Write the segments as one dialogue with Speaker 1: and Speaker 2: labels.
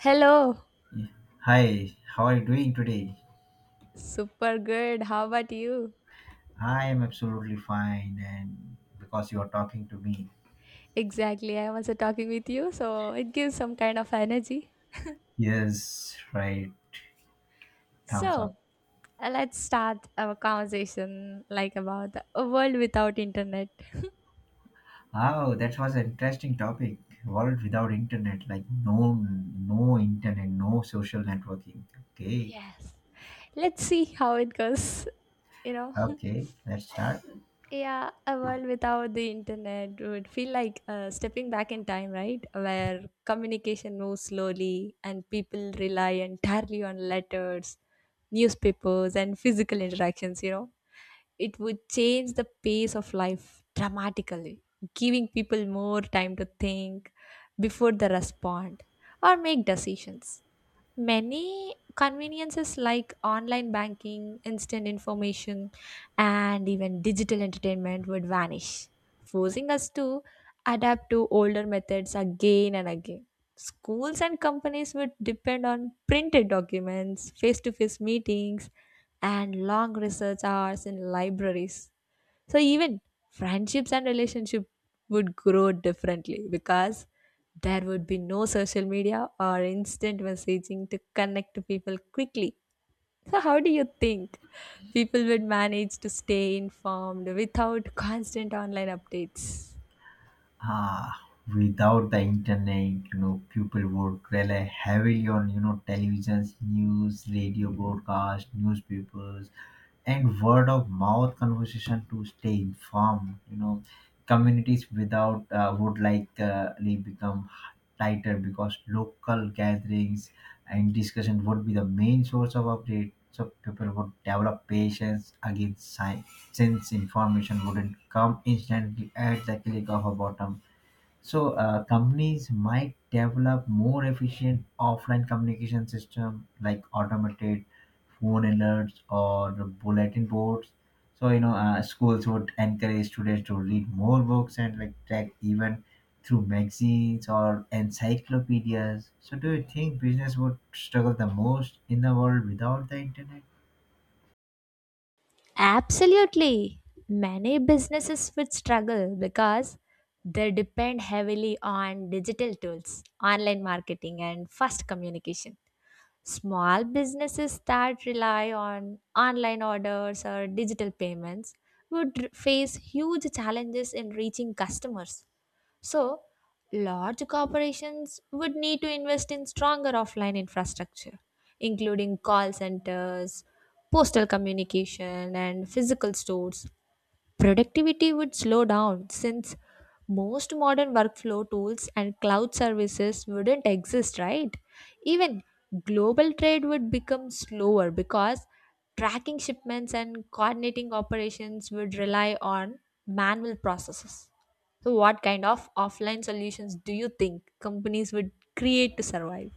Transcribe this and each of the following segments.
Speaker 1: Hello.
Speaker 2: Hi, how are you doing today?
Speaker 1: Super good. How about you?
Speaker 2: I am absolutely fine, and because you are talking to me.
Speaker 1: Exactly, I was talking with you, so it gives some kind of energy.
Speaker 2: Yes, right, thumbs
Speaker 1: So,
Speaker 2: up.
Speaker 1: let's start our conversation like about a world without internet.
Speaker 2: Oh, that was an interesting topic. World without internet, like no, no internet, no social networking. Okay,
Speaker 1: Yes, let's see how it goes, you know.
Speaker 2: okay, let's start.
Speaker 1: Yeah, a world without the internet would feel like stepping back in time, right? Where communication moves slowly and people rely entirely on letters, newspapers, and physical interactions, you know? It would change the pace of life dramatically, giving people more time to think before they respond or make decisions. Many conveniences like online banking, instant information, and even digital entertainment would vanish, forcing us to adapt to older methods again and again. Schools and companies would depend on printed documents, face to face meetings, and long research hours in libraries, so even friendships and relationship would grow differently because there would be no social media or instant messaging to connect to people quickly. So how do you think people would manage to stay informed without constant online updates?
Speaker 2: Ah, Without the internet, people would rely heavily on, televisions, news, radio broadcast, newspapers, and word of mouth conversation to stay informed. Communities without would likely become tighter because local gatherings and discussion would be the main source of update. So people would develop patience against science since information wouldn't come instantly at the click of a button. So companies might develop more efficient offline communication system like automated phone alerts or bulletin boards. So schools would encourage students to read more books and like track even through magazines or encyclopedias. So do you think business would struggle the most in the world without the internet?
Speaker 1: Absolutely. Many businesses would struggle because they depend heavily on digital tools, online marketing, and fast communication. Small businesses that rely on online orders or digital payments would face huge challenges in reaching customers. So, large corporations would need to invest in stronger offline infrastructure, including call centers, postal communication, and physical stores. Productivity would slow down since most modern workflow tools and cloud services wouldn't exist, right? Even global trade would become slower because tracking shipments and coordinating operations would rely on manual processes. So, what kind of offline solutions do you think companies would create to survive?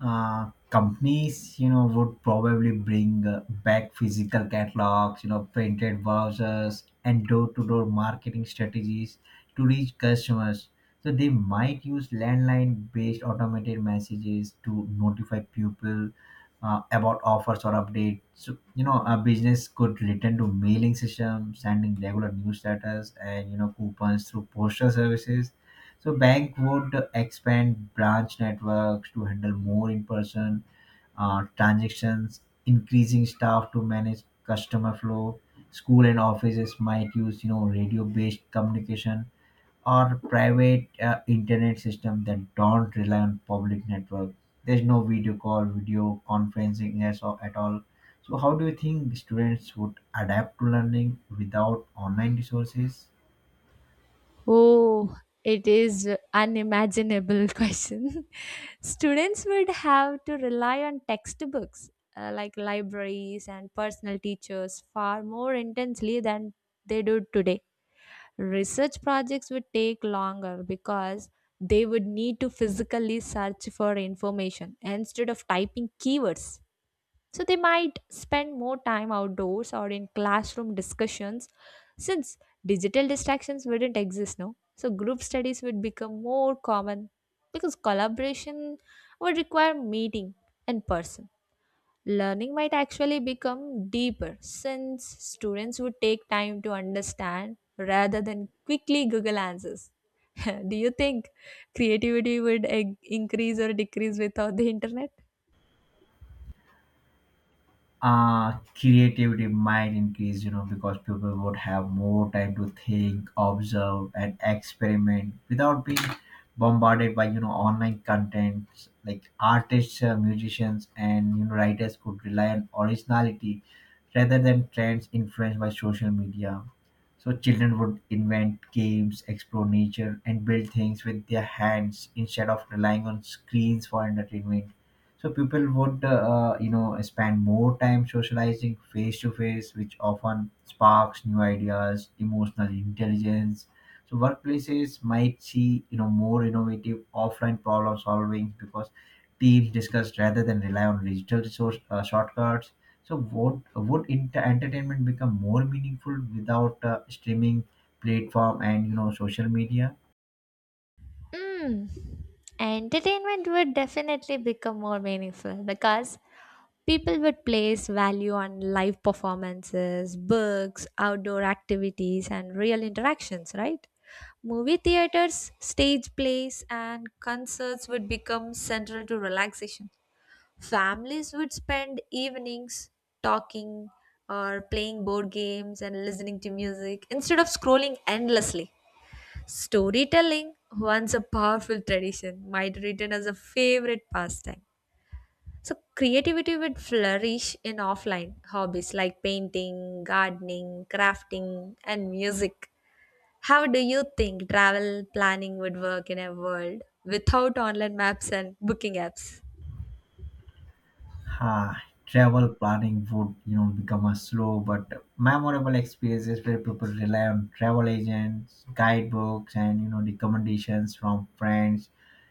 Speaker 2: Companies would probably bring back physical catalogs, printed brochures, and door-to-door marketing strategies to reach customers. So they might use landline based automated messages to notify people about offers or updates. So a business could return to mailing system, sending regular newsletters and coupons through postal services. So bank would expand branch networks to handle more in-person transactions, increasing staff to manage customer flow. School and offices might use radio-based communication or private internet system that don't rely on public network. There's no video call, video conferencing as or at all. So how do you think the students would adapt to learning without online resources?
Speaker 1: Oh, it is unimaginable question. Students would have to rely on textbooks, like libraries and personal teachers far more intensely than they do today. Research projects would take longer because they would need to physically search for information instead of typing keywords. So they might spend more time outdoors or in classroom discussions since digital distractions wouldn't exist now. So group studies would become more common because collaboration would require meeting in person. Learning might actually become deeper since students would take time to understand rather than quickly Google answers. Do you think creativity would increase or decrease without the internet?
Speaker 2: Creativity might increase, because people would have more time to think, observe, and experiment without being bombarded by online content. Like artists, musicians, and writers could rely on originality rather than trends influenced by social media. So children would invent games, explore nature, and build things with their hands instead of relying on screens for entertainment. So people would, spend more time socializing face to face, which often sparks new ideas, emotional intelligence. So workplaces might see, more innovative offline problem solving because teams discuss rather than rely on digital resource shortcuts. So would entertainment become more meaningful without streaming platform and social media?
Speaker 1: Mm. Entertainment would definitely become more meaningful because people would place value on live performances, books, outdoor activities, and real interactions, right? Movie theaters, stage plays, and concerts would become central to relaxation. Families would spend evenings talking or playing board games and listening to music instead of scrolling endlessly. Storytelling, once a powerful tradition, might return as a favorite pastime. So, creativity would flourish in offline hobbies like painting, gardening, crafting, and music. How do you think travel planning would work in a world without online maps and booking apps?
Speaker 2: Ah, travel planning would become a slow but memorable experiences where people rely on travel agents, guidebooks, and recommendations from friends.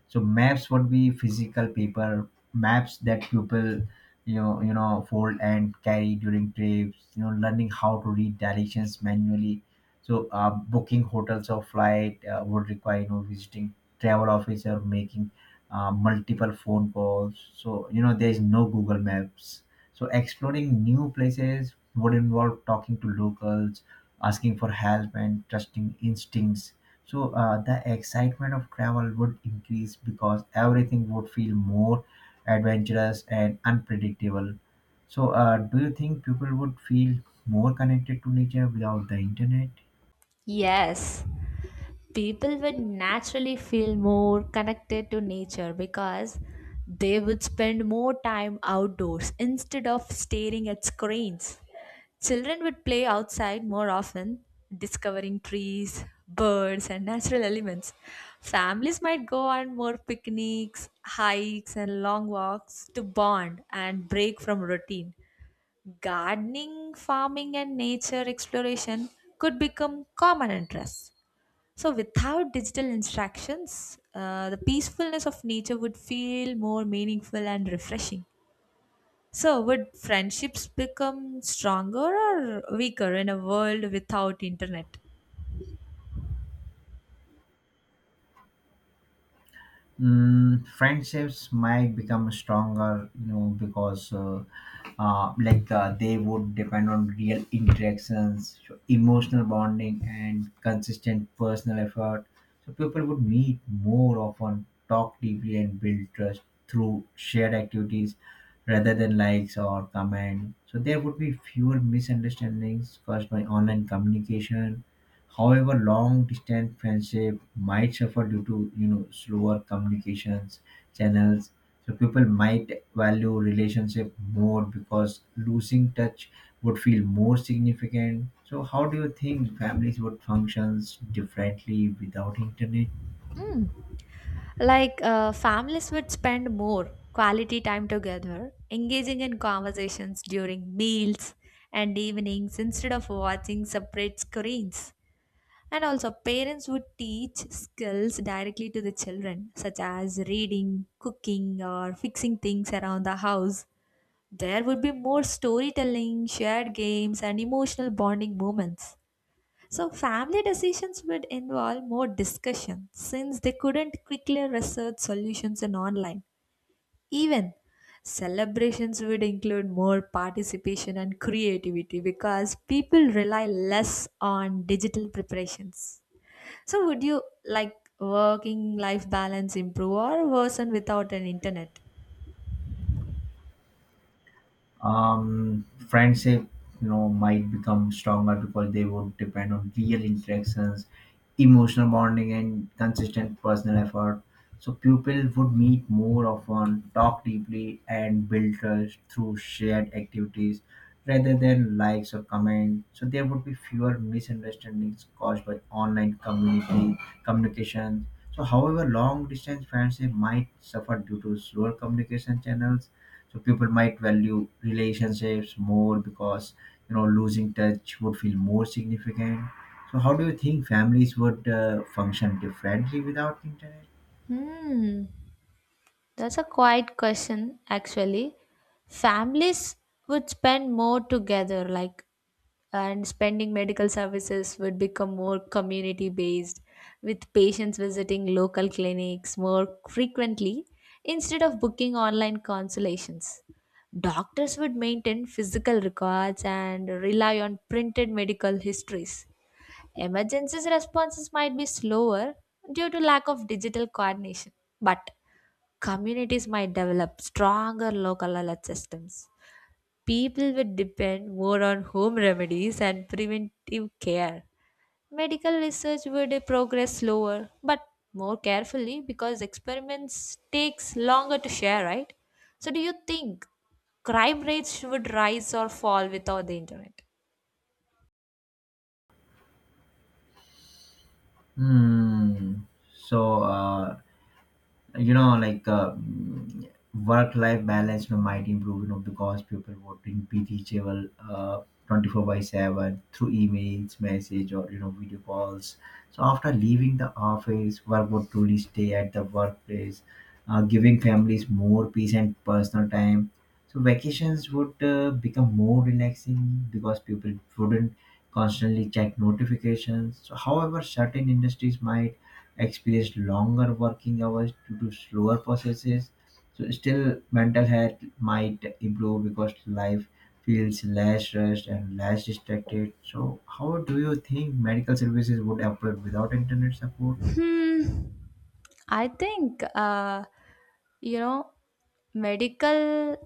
Speaker 2: So maps would be physical paper maps that people fold and carry during trips, learning how to read directions manually. So booking hotels or flight would require visiting travel office or making multiple phone calls. So, there's no Google Maps. So, exploring new places would involve talking to locals, asking for help, and trusting instincts. So the excitement of travel would increase because everything would feel more adventurous and unpredictable. So do you think people would feel more connected to nature without the internet?
Speaker 1: Yes, people would naturally feel more connected to nature because they would spend more time outdoors instead of staring at screens. Children would play outside more often, discovering trees, birds, and natural elements. Families might go on more picnics, hikes, and long walks to bond and break from routine. Gardening, farming, and nature exploration could become common interests. So, without digital instructions, the peacefulness of nature would feel more meaningful and refreshing. So, would friendships become stronger or weaker in a world without internet?
Speaker 2: Mm, friendships might become stronger, because they would depend on real interactions, so emotional bonding, and consistent personal effort. So people would meet more often, talk deeply, and build trust through shared activities rather than likes or comment. So there would be fewer misunderstandings caused by online communication. However, long-distance friendship might suffer due to slower communications channels. So people might value relationship more because losing touch would feel more significant. So how do you think families would functions differently without internet?
Speaker 1: Hmm. Like, families would spend more quality time together, engaging in conversations during meals and evenings instead of watching separate screens. And also, parents would teach skills directly to the children, such as reading, cooking, or fixing things around the house. There would be more storytelling, shared games, and emotional bonding moments. So, family decisions would involve more discussion since they couldn't quickly research solutions in online. Even celebrations would include more participation and creativity because people rely less on digital preparations. So, would you like working life balance improve or worsen without an internet?
Speaker 2: Friendship, might become stronger because they would depend on real interactions, emotional bonding, and consistent personal effort. So pupils would meet more often, talk deeply, and build trust through shared activities rather than likes or comments. So there would be fewer misunderstandings caused by online community communication. So however, long distance friendship might suffer due to slower communication channels. So people might value relationships more because losing touch would feel more significant. So how do you think families would function differently without internet?
Speaker 1: Hmm. That's a quiet question, actually. Families would spend more together, like, and spending medical services would become more community based with patients visiting local clinics more frequently instead of booking online consultations. Doctors would maintain physical records and rely on printed medical histories. Emergencies responses might be slower due to lack of digital coordination, but communities might develop stronger local alert systems. People would depend more on home remedies and preventive care. Medical research would progress slower but more carefully because experiments takes longer to share, right? So do you think crime rates would rise or fall without the internet?
Speaker 2: hmm so you know like um, work life balance might improve, because people would be reachable 24 by 7 through emails message or video calls. So after leaving the office, work would truly stay at the workplace, giving families more peace and personal time. So vacations would become more relaxing because people wouldn't constantly check notifications. So however, certain industries might experienced longer working hours due to slower processes. So still, mental health might improve because life feels less rushed and less distracted. So how do you think medical services would improve without internet support?
Speaker 1: Hmm. I think you know medical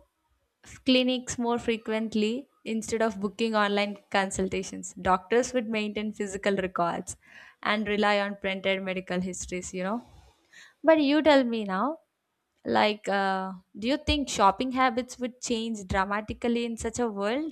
Speaker 1: clinics more frequently instead of booking online consultations. Doctors would maintain physical records and rely on printed medical histories. But you tell me now. Like, do you think shopping habits would change dramatically in such a world?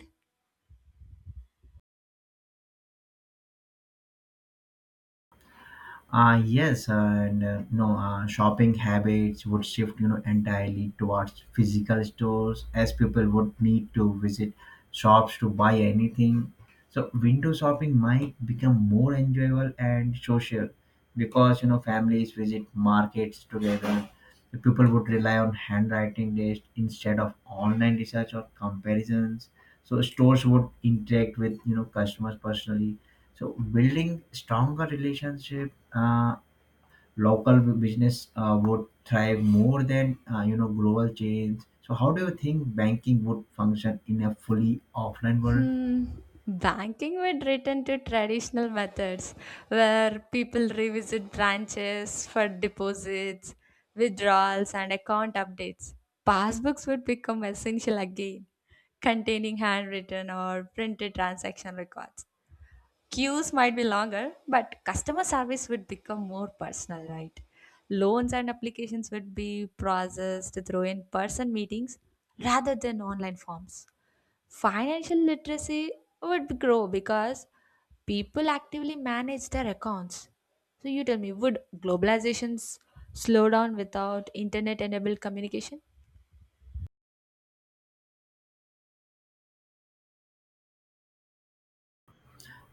Speaker 2: Yes, and no, shopping habits would shift, entirely towards physical stores as people would need to visit shops to buy anything. So window shopping might become more enjoyable and social because, families visit markets together. The people would rely on handwriting lists instead of online research or comparisons. So stores would interact with, customers personally, so building stronger relationship. Local business would thrive more than global chains. So how do you think banking would function in a fully offline world?
Speaker 1: Hmm. Banking would return to traditional methods where people revisit branches for deposits, withdrawals, and account updates. Passbooks would become essential again, containing handwritten or printed transaction records. Queues might be longer, but customer service would become more personal, right? Loans and applications would be processed through in person meetings rather than online forms. Financial literacy would grow because people actively manage their accounts. So you tell me, would globalizations slow down without internet-enabled communication?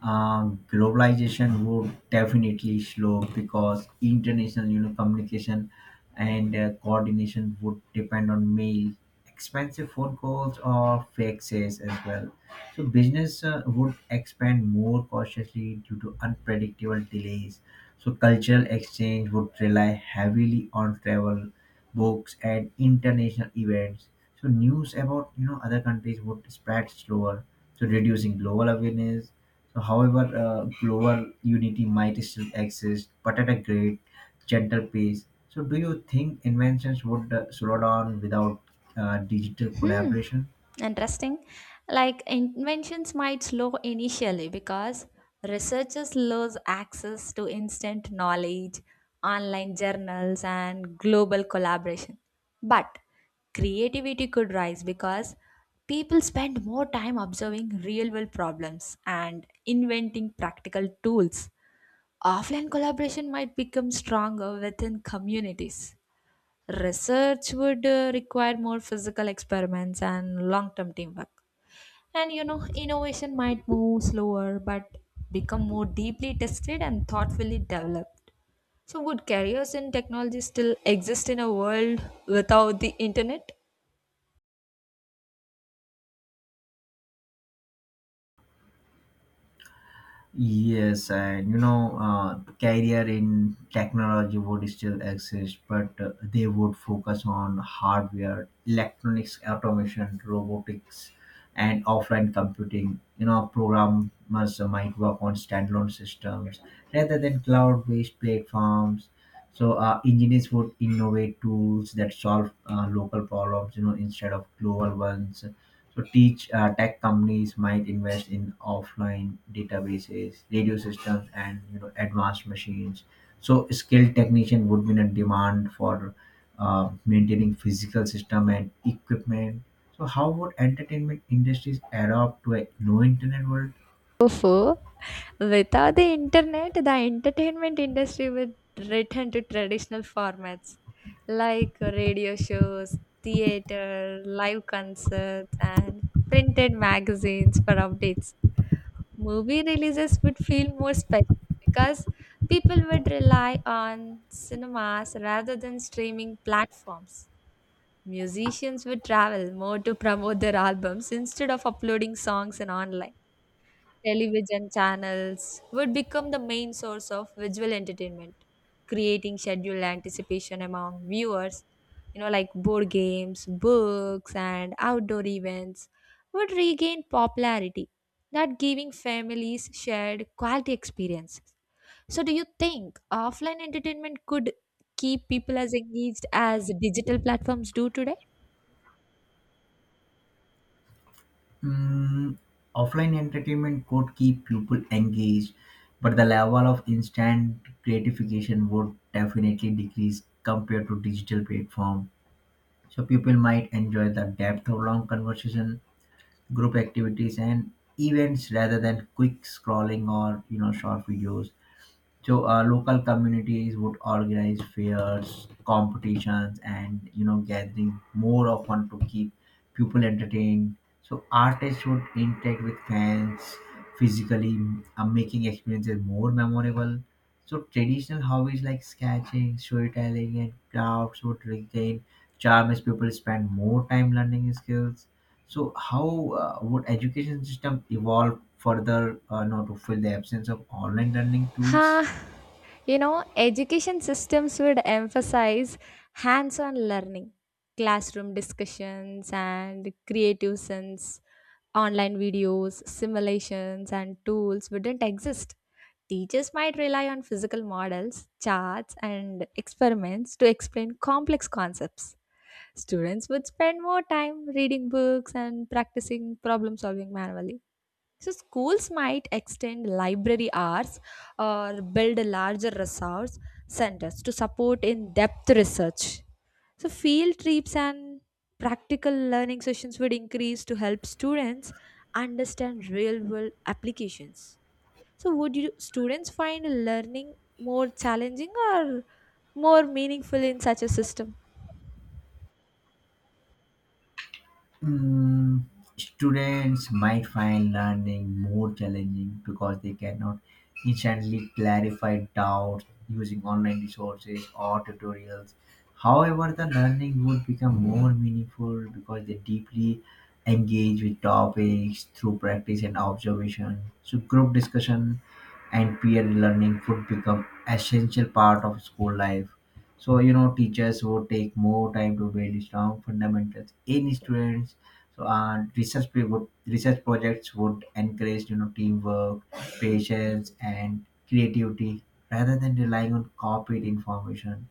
Speaker 2: Globalization would definitely slow because international communication and coordination would depend on mail, expensive phone calls, or faxes as well. So business would expand more cautiously due to unpredictable delays. So cultural exchange would rely heavily on travel, books, and international events. So news about other countries would spread slower, so reducing global awareness. So however, global unity might still exist, but at a great, gentle pace. So, do you think inventions would slow down without digital
Speaker 1: Hmm,
Speaker 2: collaboration?
Speaker 1: interesting. Like inventions might slow initially because researchers lose access to instant knowledge, online journals, and global collaboration. But creativity could rise because people spend more time observing real world problems and inventing practical tools. Offline collaboration might become stronger within communities. Research would require more physical experiments and long term teamwork. And innovation might move slower but become more deeply tested and thoughtfully developed. So, would careers in technology still exist in a world without the internet?
Speaker 2: Yes, and career in technology would still exist, but they would focus on hardware, electronics, automation, robotics, and offline computing. You know, programmers might work on standalone systems rather than cloud-based platforms. So engineers would innovate tools that solve local problems, instead of global ones. So teach tech companies might invest in offline databases, radio systems, and advanced machines. So skilled technician would be in a demand for maintaining physical system and equipment. So how would entertainment industries adapt to a no internet world?
Speaker 1: Fofo, without the internet, the entertainment industry would return to traditional formats like radio shows, theater, live concerts, and printed magazines for updates. Movie releases would feel more special because people would rely on cinemas rather than streaming platforms. Musicians would travel more to promote their albums instead of uploading songs, and online television channels would become the main source of visual entertainment, creating scheduled anticipation among viewers. Like board games, books, and outdoor events would regain popularity, that giving families shared quality experiences. So, do you think offline entertainment could keep people as engaged as digital platforms do today?
Speaker 2: Mm, offline entertainment could keep people engaged, but the level of instant gratification would definitely decrease compared to digital platform. So people might enjoy the depth of long conversation, group activities, and events rather than quick scrolling or short videos. So local communities would organize fairs, competitions, and gathering more often to keep people entertained. So artists would interact with fans physically, making experiences more memorable. So traditional hobbies like sketching, storytelling, and crafts would regain charm as people spend more time learning skills. So how would education system evolve further, to fill the absence of online learning tools?
Speaker 1: Huh. Education systems would emphasize hands-on learning, classroom discussions and creative sense. Online videos, simulations and tools wouldn't exist. Teachers might rely on physical models, charts and experiments to explain complex concepts. Students would spend more time reading books and practicing problem solving manually. So schools might extend library hours or build larger resource centers to support in-depth research. So field trips and practical learning sessions would increase to help students understand real-world applications. So would you students find learning more challenging or more meaningful in such a system?
Speaker 2: Mm, students might find learning more challenging because they cannot instantly clarify doubts using online resources or tutorials. However, the learning would become more meaningful because they deeply engage with topics through practice and observation. So, group discussion and peer learning could become essential part of school life. So teachers would take more time to build strong fundamentals in students. So research projects would encourage teamwork, patience, and creativity rather than relying on copied information.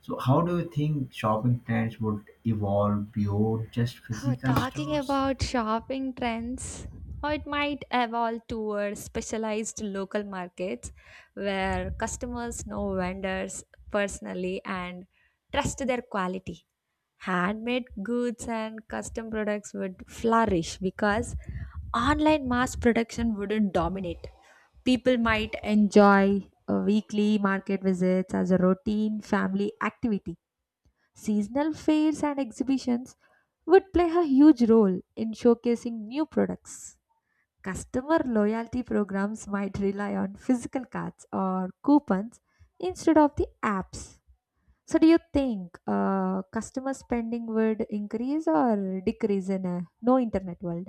Speaker 2: So how do you think shopping trends would evolve beyond just physical
Speaker 1: Talking
Speaker 2: stores?
Speaker 1: about shopping trends, or it might evolve towards specialized local markets where customers know vendors personally and trust their quality. Handmade goods and custom products would flourish because online mass production wouldn't dominate. People might enjoy weekly market visits as a routine family activity. Seasonal fairs and exhibitions would play a huge role in showcasing new products. Customer loyalty programs might rely on physical cards or coupons instead of the apps. So, do you think customer spending would increase or decrease in a no internet world?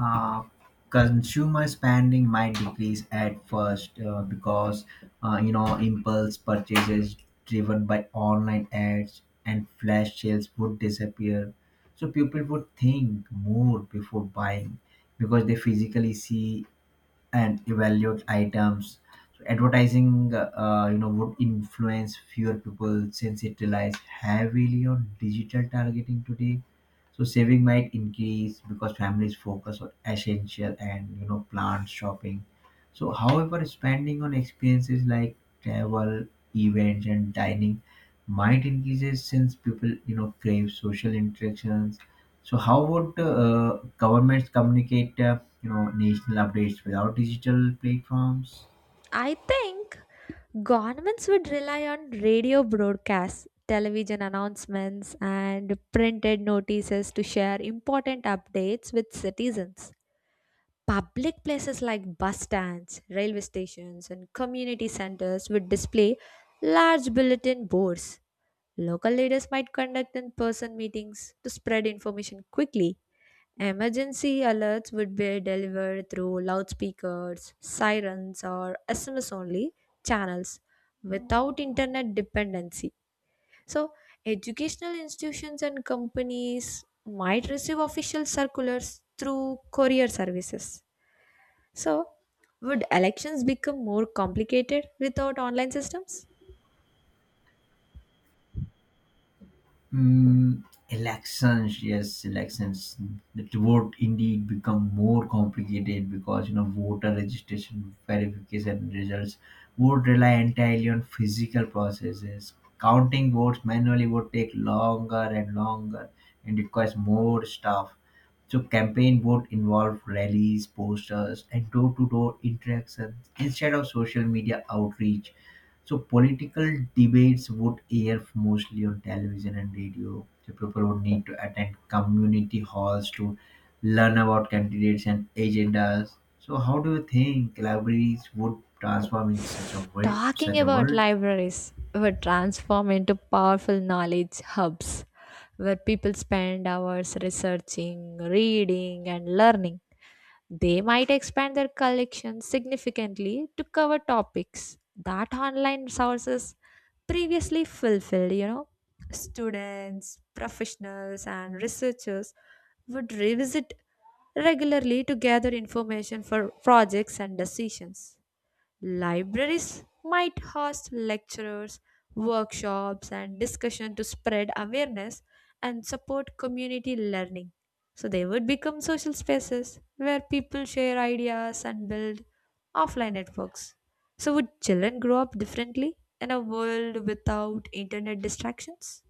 Speaker 2: uh, Consumer spending might decrease at first because impulse purchases driven by online ads and flash sales would disappear. So people would think more before buying because they physically see and evaluate items. So advertising, would influence fewer people since it relies heavily on digital targeting today. So saving might increase because families focus on essential and planned shopping. So, however, spending on experiences like travel, events, and dining might increase since people crave social interactions. So how would governments communicate, national updates without digital platforms?
Speaker 1: I think governments would rely on radio broadcasts, television announcements, and printed notices to share important updates with citizens. Public places like bus stands, railway stations, and community centers would display large bulletin boards. Local leaders might conduct in person meetings to spread information quickly. Emergency alerts would be delivered through loudspeakers, sirens, or SMS only channels without internet dependency. So, educational institutions and companies might receive official circulars through courier services. So, would elections become more complicated without online systems?
Speaker 2: Mm, elections, yes, elections. The vote indeed become more complicated because voter registration, verification results would rely entirely on physical processes. Counting votes manually would take longer and longer and requires more staff. So campaign would involve rallies, posters, and door-to-door interactions instead of social media outreach. So political debates would air mostly on television and radio. So people would need to attend community halls to learn about candidates and agendas. So how do you think libraries would transform in such a way, such
Speaker 1: Talking
Speaker 2: a
Speaker 1: about
Speaker 2: world?
Speaker 1: libraries would transform into powerful knowledge hubs where people spend hours researching, reading, and learning. They might expand their collection significantly to cover topics that online sources previously fulfilled. Students, professionals, and researchers would revisit regularly to gather information for projects and decisions. Libraries might host lectures, workshops, and discussion to spread awareness and support community learning. So they would become social spaces where people share ideas and build offline networks. So would children grow up differently in a world without internet distractions?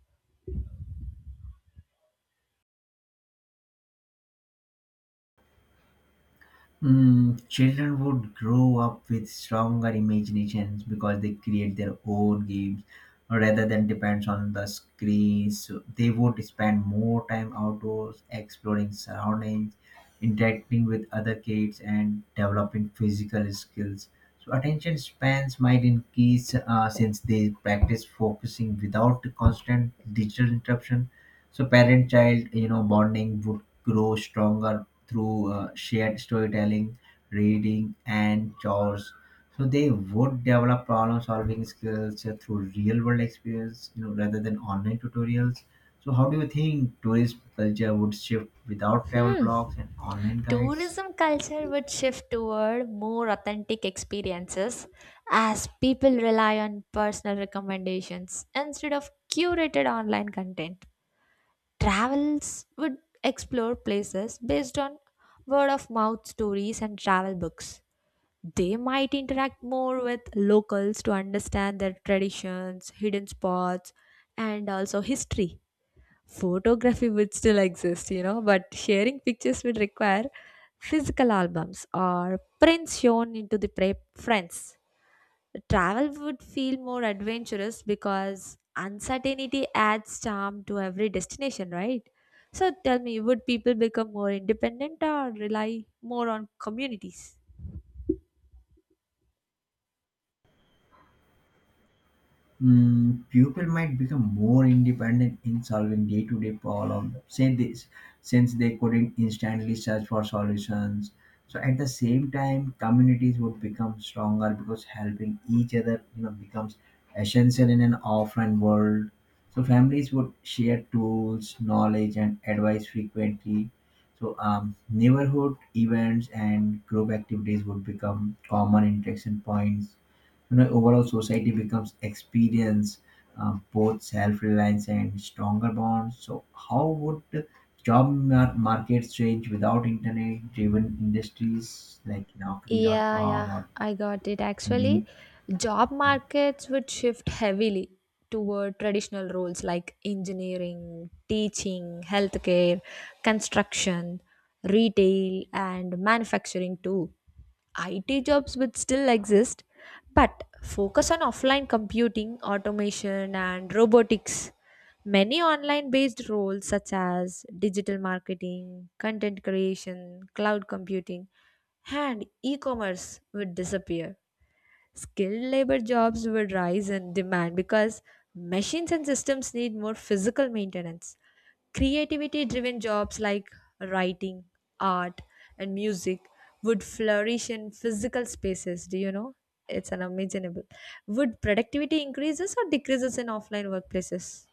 Speaker 2: Mm, children would grow up with stronger imaginations because they create their own games rather than depends on the screens. So they would spend more time outdoors, exploring surroundings, interacting with other kids, and developing physical skills. So attention spans might increase since they practice focusing without constant digital interruption. So parent-child, bonding would grow stronger through shared storytelling, reading, and chores. So they would develop problem solving skills through real world experience, rather than online tutorials. So how do you think tourist culture would shift without travel
Speaker 1: Hmm.
Speaker 2: blogs and online guides?
Speaker 1: Tourism culture would shift toward more authentic experiences as people rely on personal recommendations instead of curated online content. Travels would explore places based on word of mouth stories and travel books. They might interact more with locals to understand their traditions, hidden spots, and also history. Photography would still exist, but sharing pictures would require physical albums or prints shown into the friends. Travel would feel more adventurous because uncertainty adds charm to every destination, right? So tell me, would people become more independent or rely more on communities?
Speaker 2: Mm, people might become more independent in solving day-to-day problems since they couldn't instantly search for solutions. So at the same time, communities would become stronger because helping each other, becomes essential in an offline world. So families would share tools, knowledge, and advice frequently. So neighborhood events and group activities would become common interaction points. Overall, society becomes experience both self-reliance and stronger bonds. So how would the markets change without internet driven industries like
Speaker 1: Yeah,
Speaker 2: naukri.com
Speaker 1: yeah,
Speaker 2: or
Speaker 1: I got it. Actually,
Speaker 2: indeed?
Speaker 1: job markets would shift heavily toward traditional roles like engineering, teaching, healthcare, construction, retail, and manufacturing too. IT jobs would still exist, but focus on offline computing, automation, and robotics. Many online based roles such as digital marketing, content creation, cloud computing, and e commerce would disappear. Skilled labor jobs would rise in demand because machines and systems need more physical maintenance. Creativity driven jobs like writing, art, and music would flourish in physical spaces. Do you know? It's unimaginable. Would productivity increases or decreases in offline workplaces?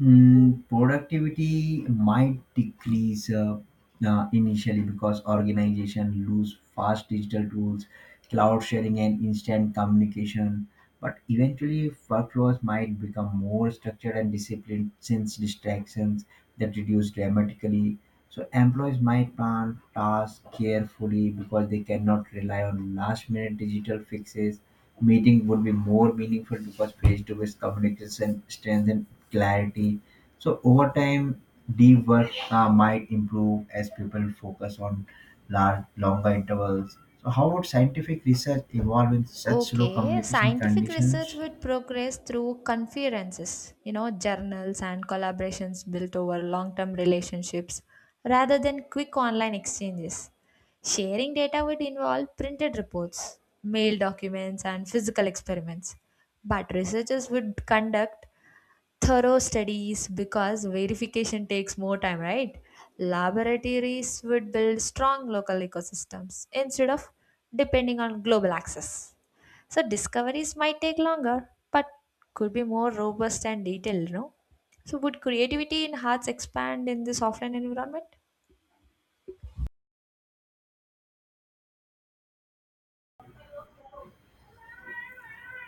Speaker 2: Mm, productivity might decrease initially because organization lose fast digital tools, cloud sharing, and instant communication. But eventually, workflows might become more structured and disciplined since distractions that reduce dramatically. So employees might plan tasks carefully because they cannot rely on last-minute digital fixes. Meeting would be more meaningful because face-to-face communication strengthens clarity. So over time, deep work might improve as people focus on large, longer intervals. So how would scientific research evolve in such slow
Speaker 1: Okay,
Speaker 2: communication
Speaker 1: scientific research
Speaker 2: conditions?
Speaker 1: would progress through conferences, journals and collaborations built over long term relationships rather than quick online exchanges. Sharing data would involve printed reports, mail documents, and physical experiments. But researchers would conduct thorough studies because verification takes more time, right? Laboratories would build strong local ecosystems instead of depending on global access. So discoveries might take longer, but could be more robust and detailed, no? So would creativity in hearts expand in this offline environment?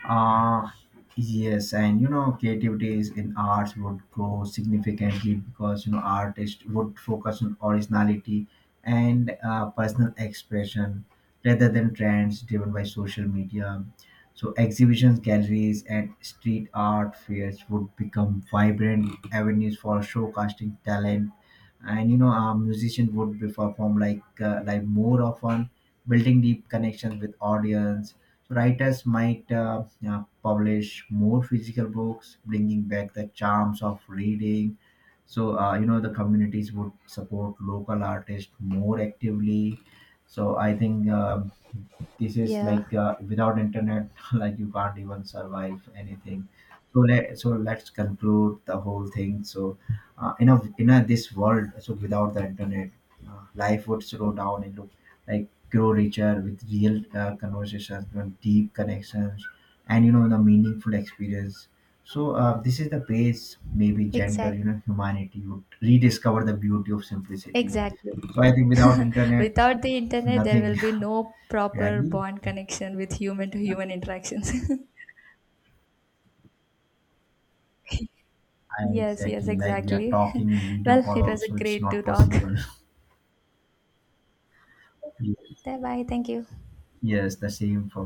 Speaker 2: Uh, yes, and creativities in arts would grow significantly because artists would focus on originality and personal expression rather than trends driven by social media. So exhibitions, galleries, and street art fairs would become vibrant avenues for showcasing talent, and a musician would be perform like more often, building deep connections with audience. Writers might publish more physical books, bringing back the charms of reading. So the communities would support local artists more actively. So I think this is
Speaker 1: Yeah,
Speaker 2: like without internet like you can't even survive anything. So let's conclude the whole thing. So in a this world, so without the internet, life would slow down and look like grow richer with real conversations and deep connections and the meaningful experience. So this is the base, maybe gender,
Speaker 1: exactly.
Speaker 2: humanity would rediscover the beauty of simplicity.
Speaker 1: Exactly.
Speaker 2: So I think without internet
Speaker 1: Without the internet, there
Speaker 2: nothing.
Speaker 1: will be no
Speaker 2: You
Speaker 1: proper
Speaker 2: agree?
Speaker 1: bond connection with human to human interactions. Yes, yes,
Speaker 2: Exactly, like we are
Speaker 1: exactly.
Speaker 2: talking in video
Speaker 1: Well,
Speaker 2: call
Speaker 1: it was a
Speaker 2: also, it's
Speaker 1: great
Speaker 2: not
Speaker 1: to talk.
Speaker 2: possible.
Speaker 1: Bye bye. Thank you.
Speaker 2: Yes, the same for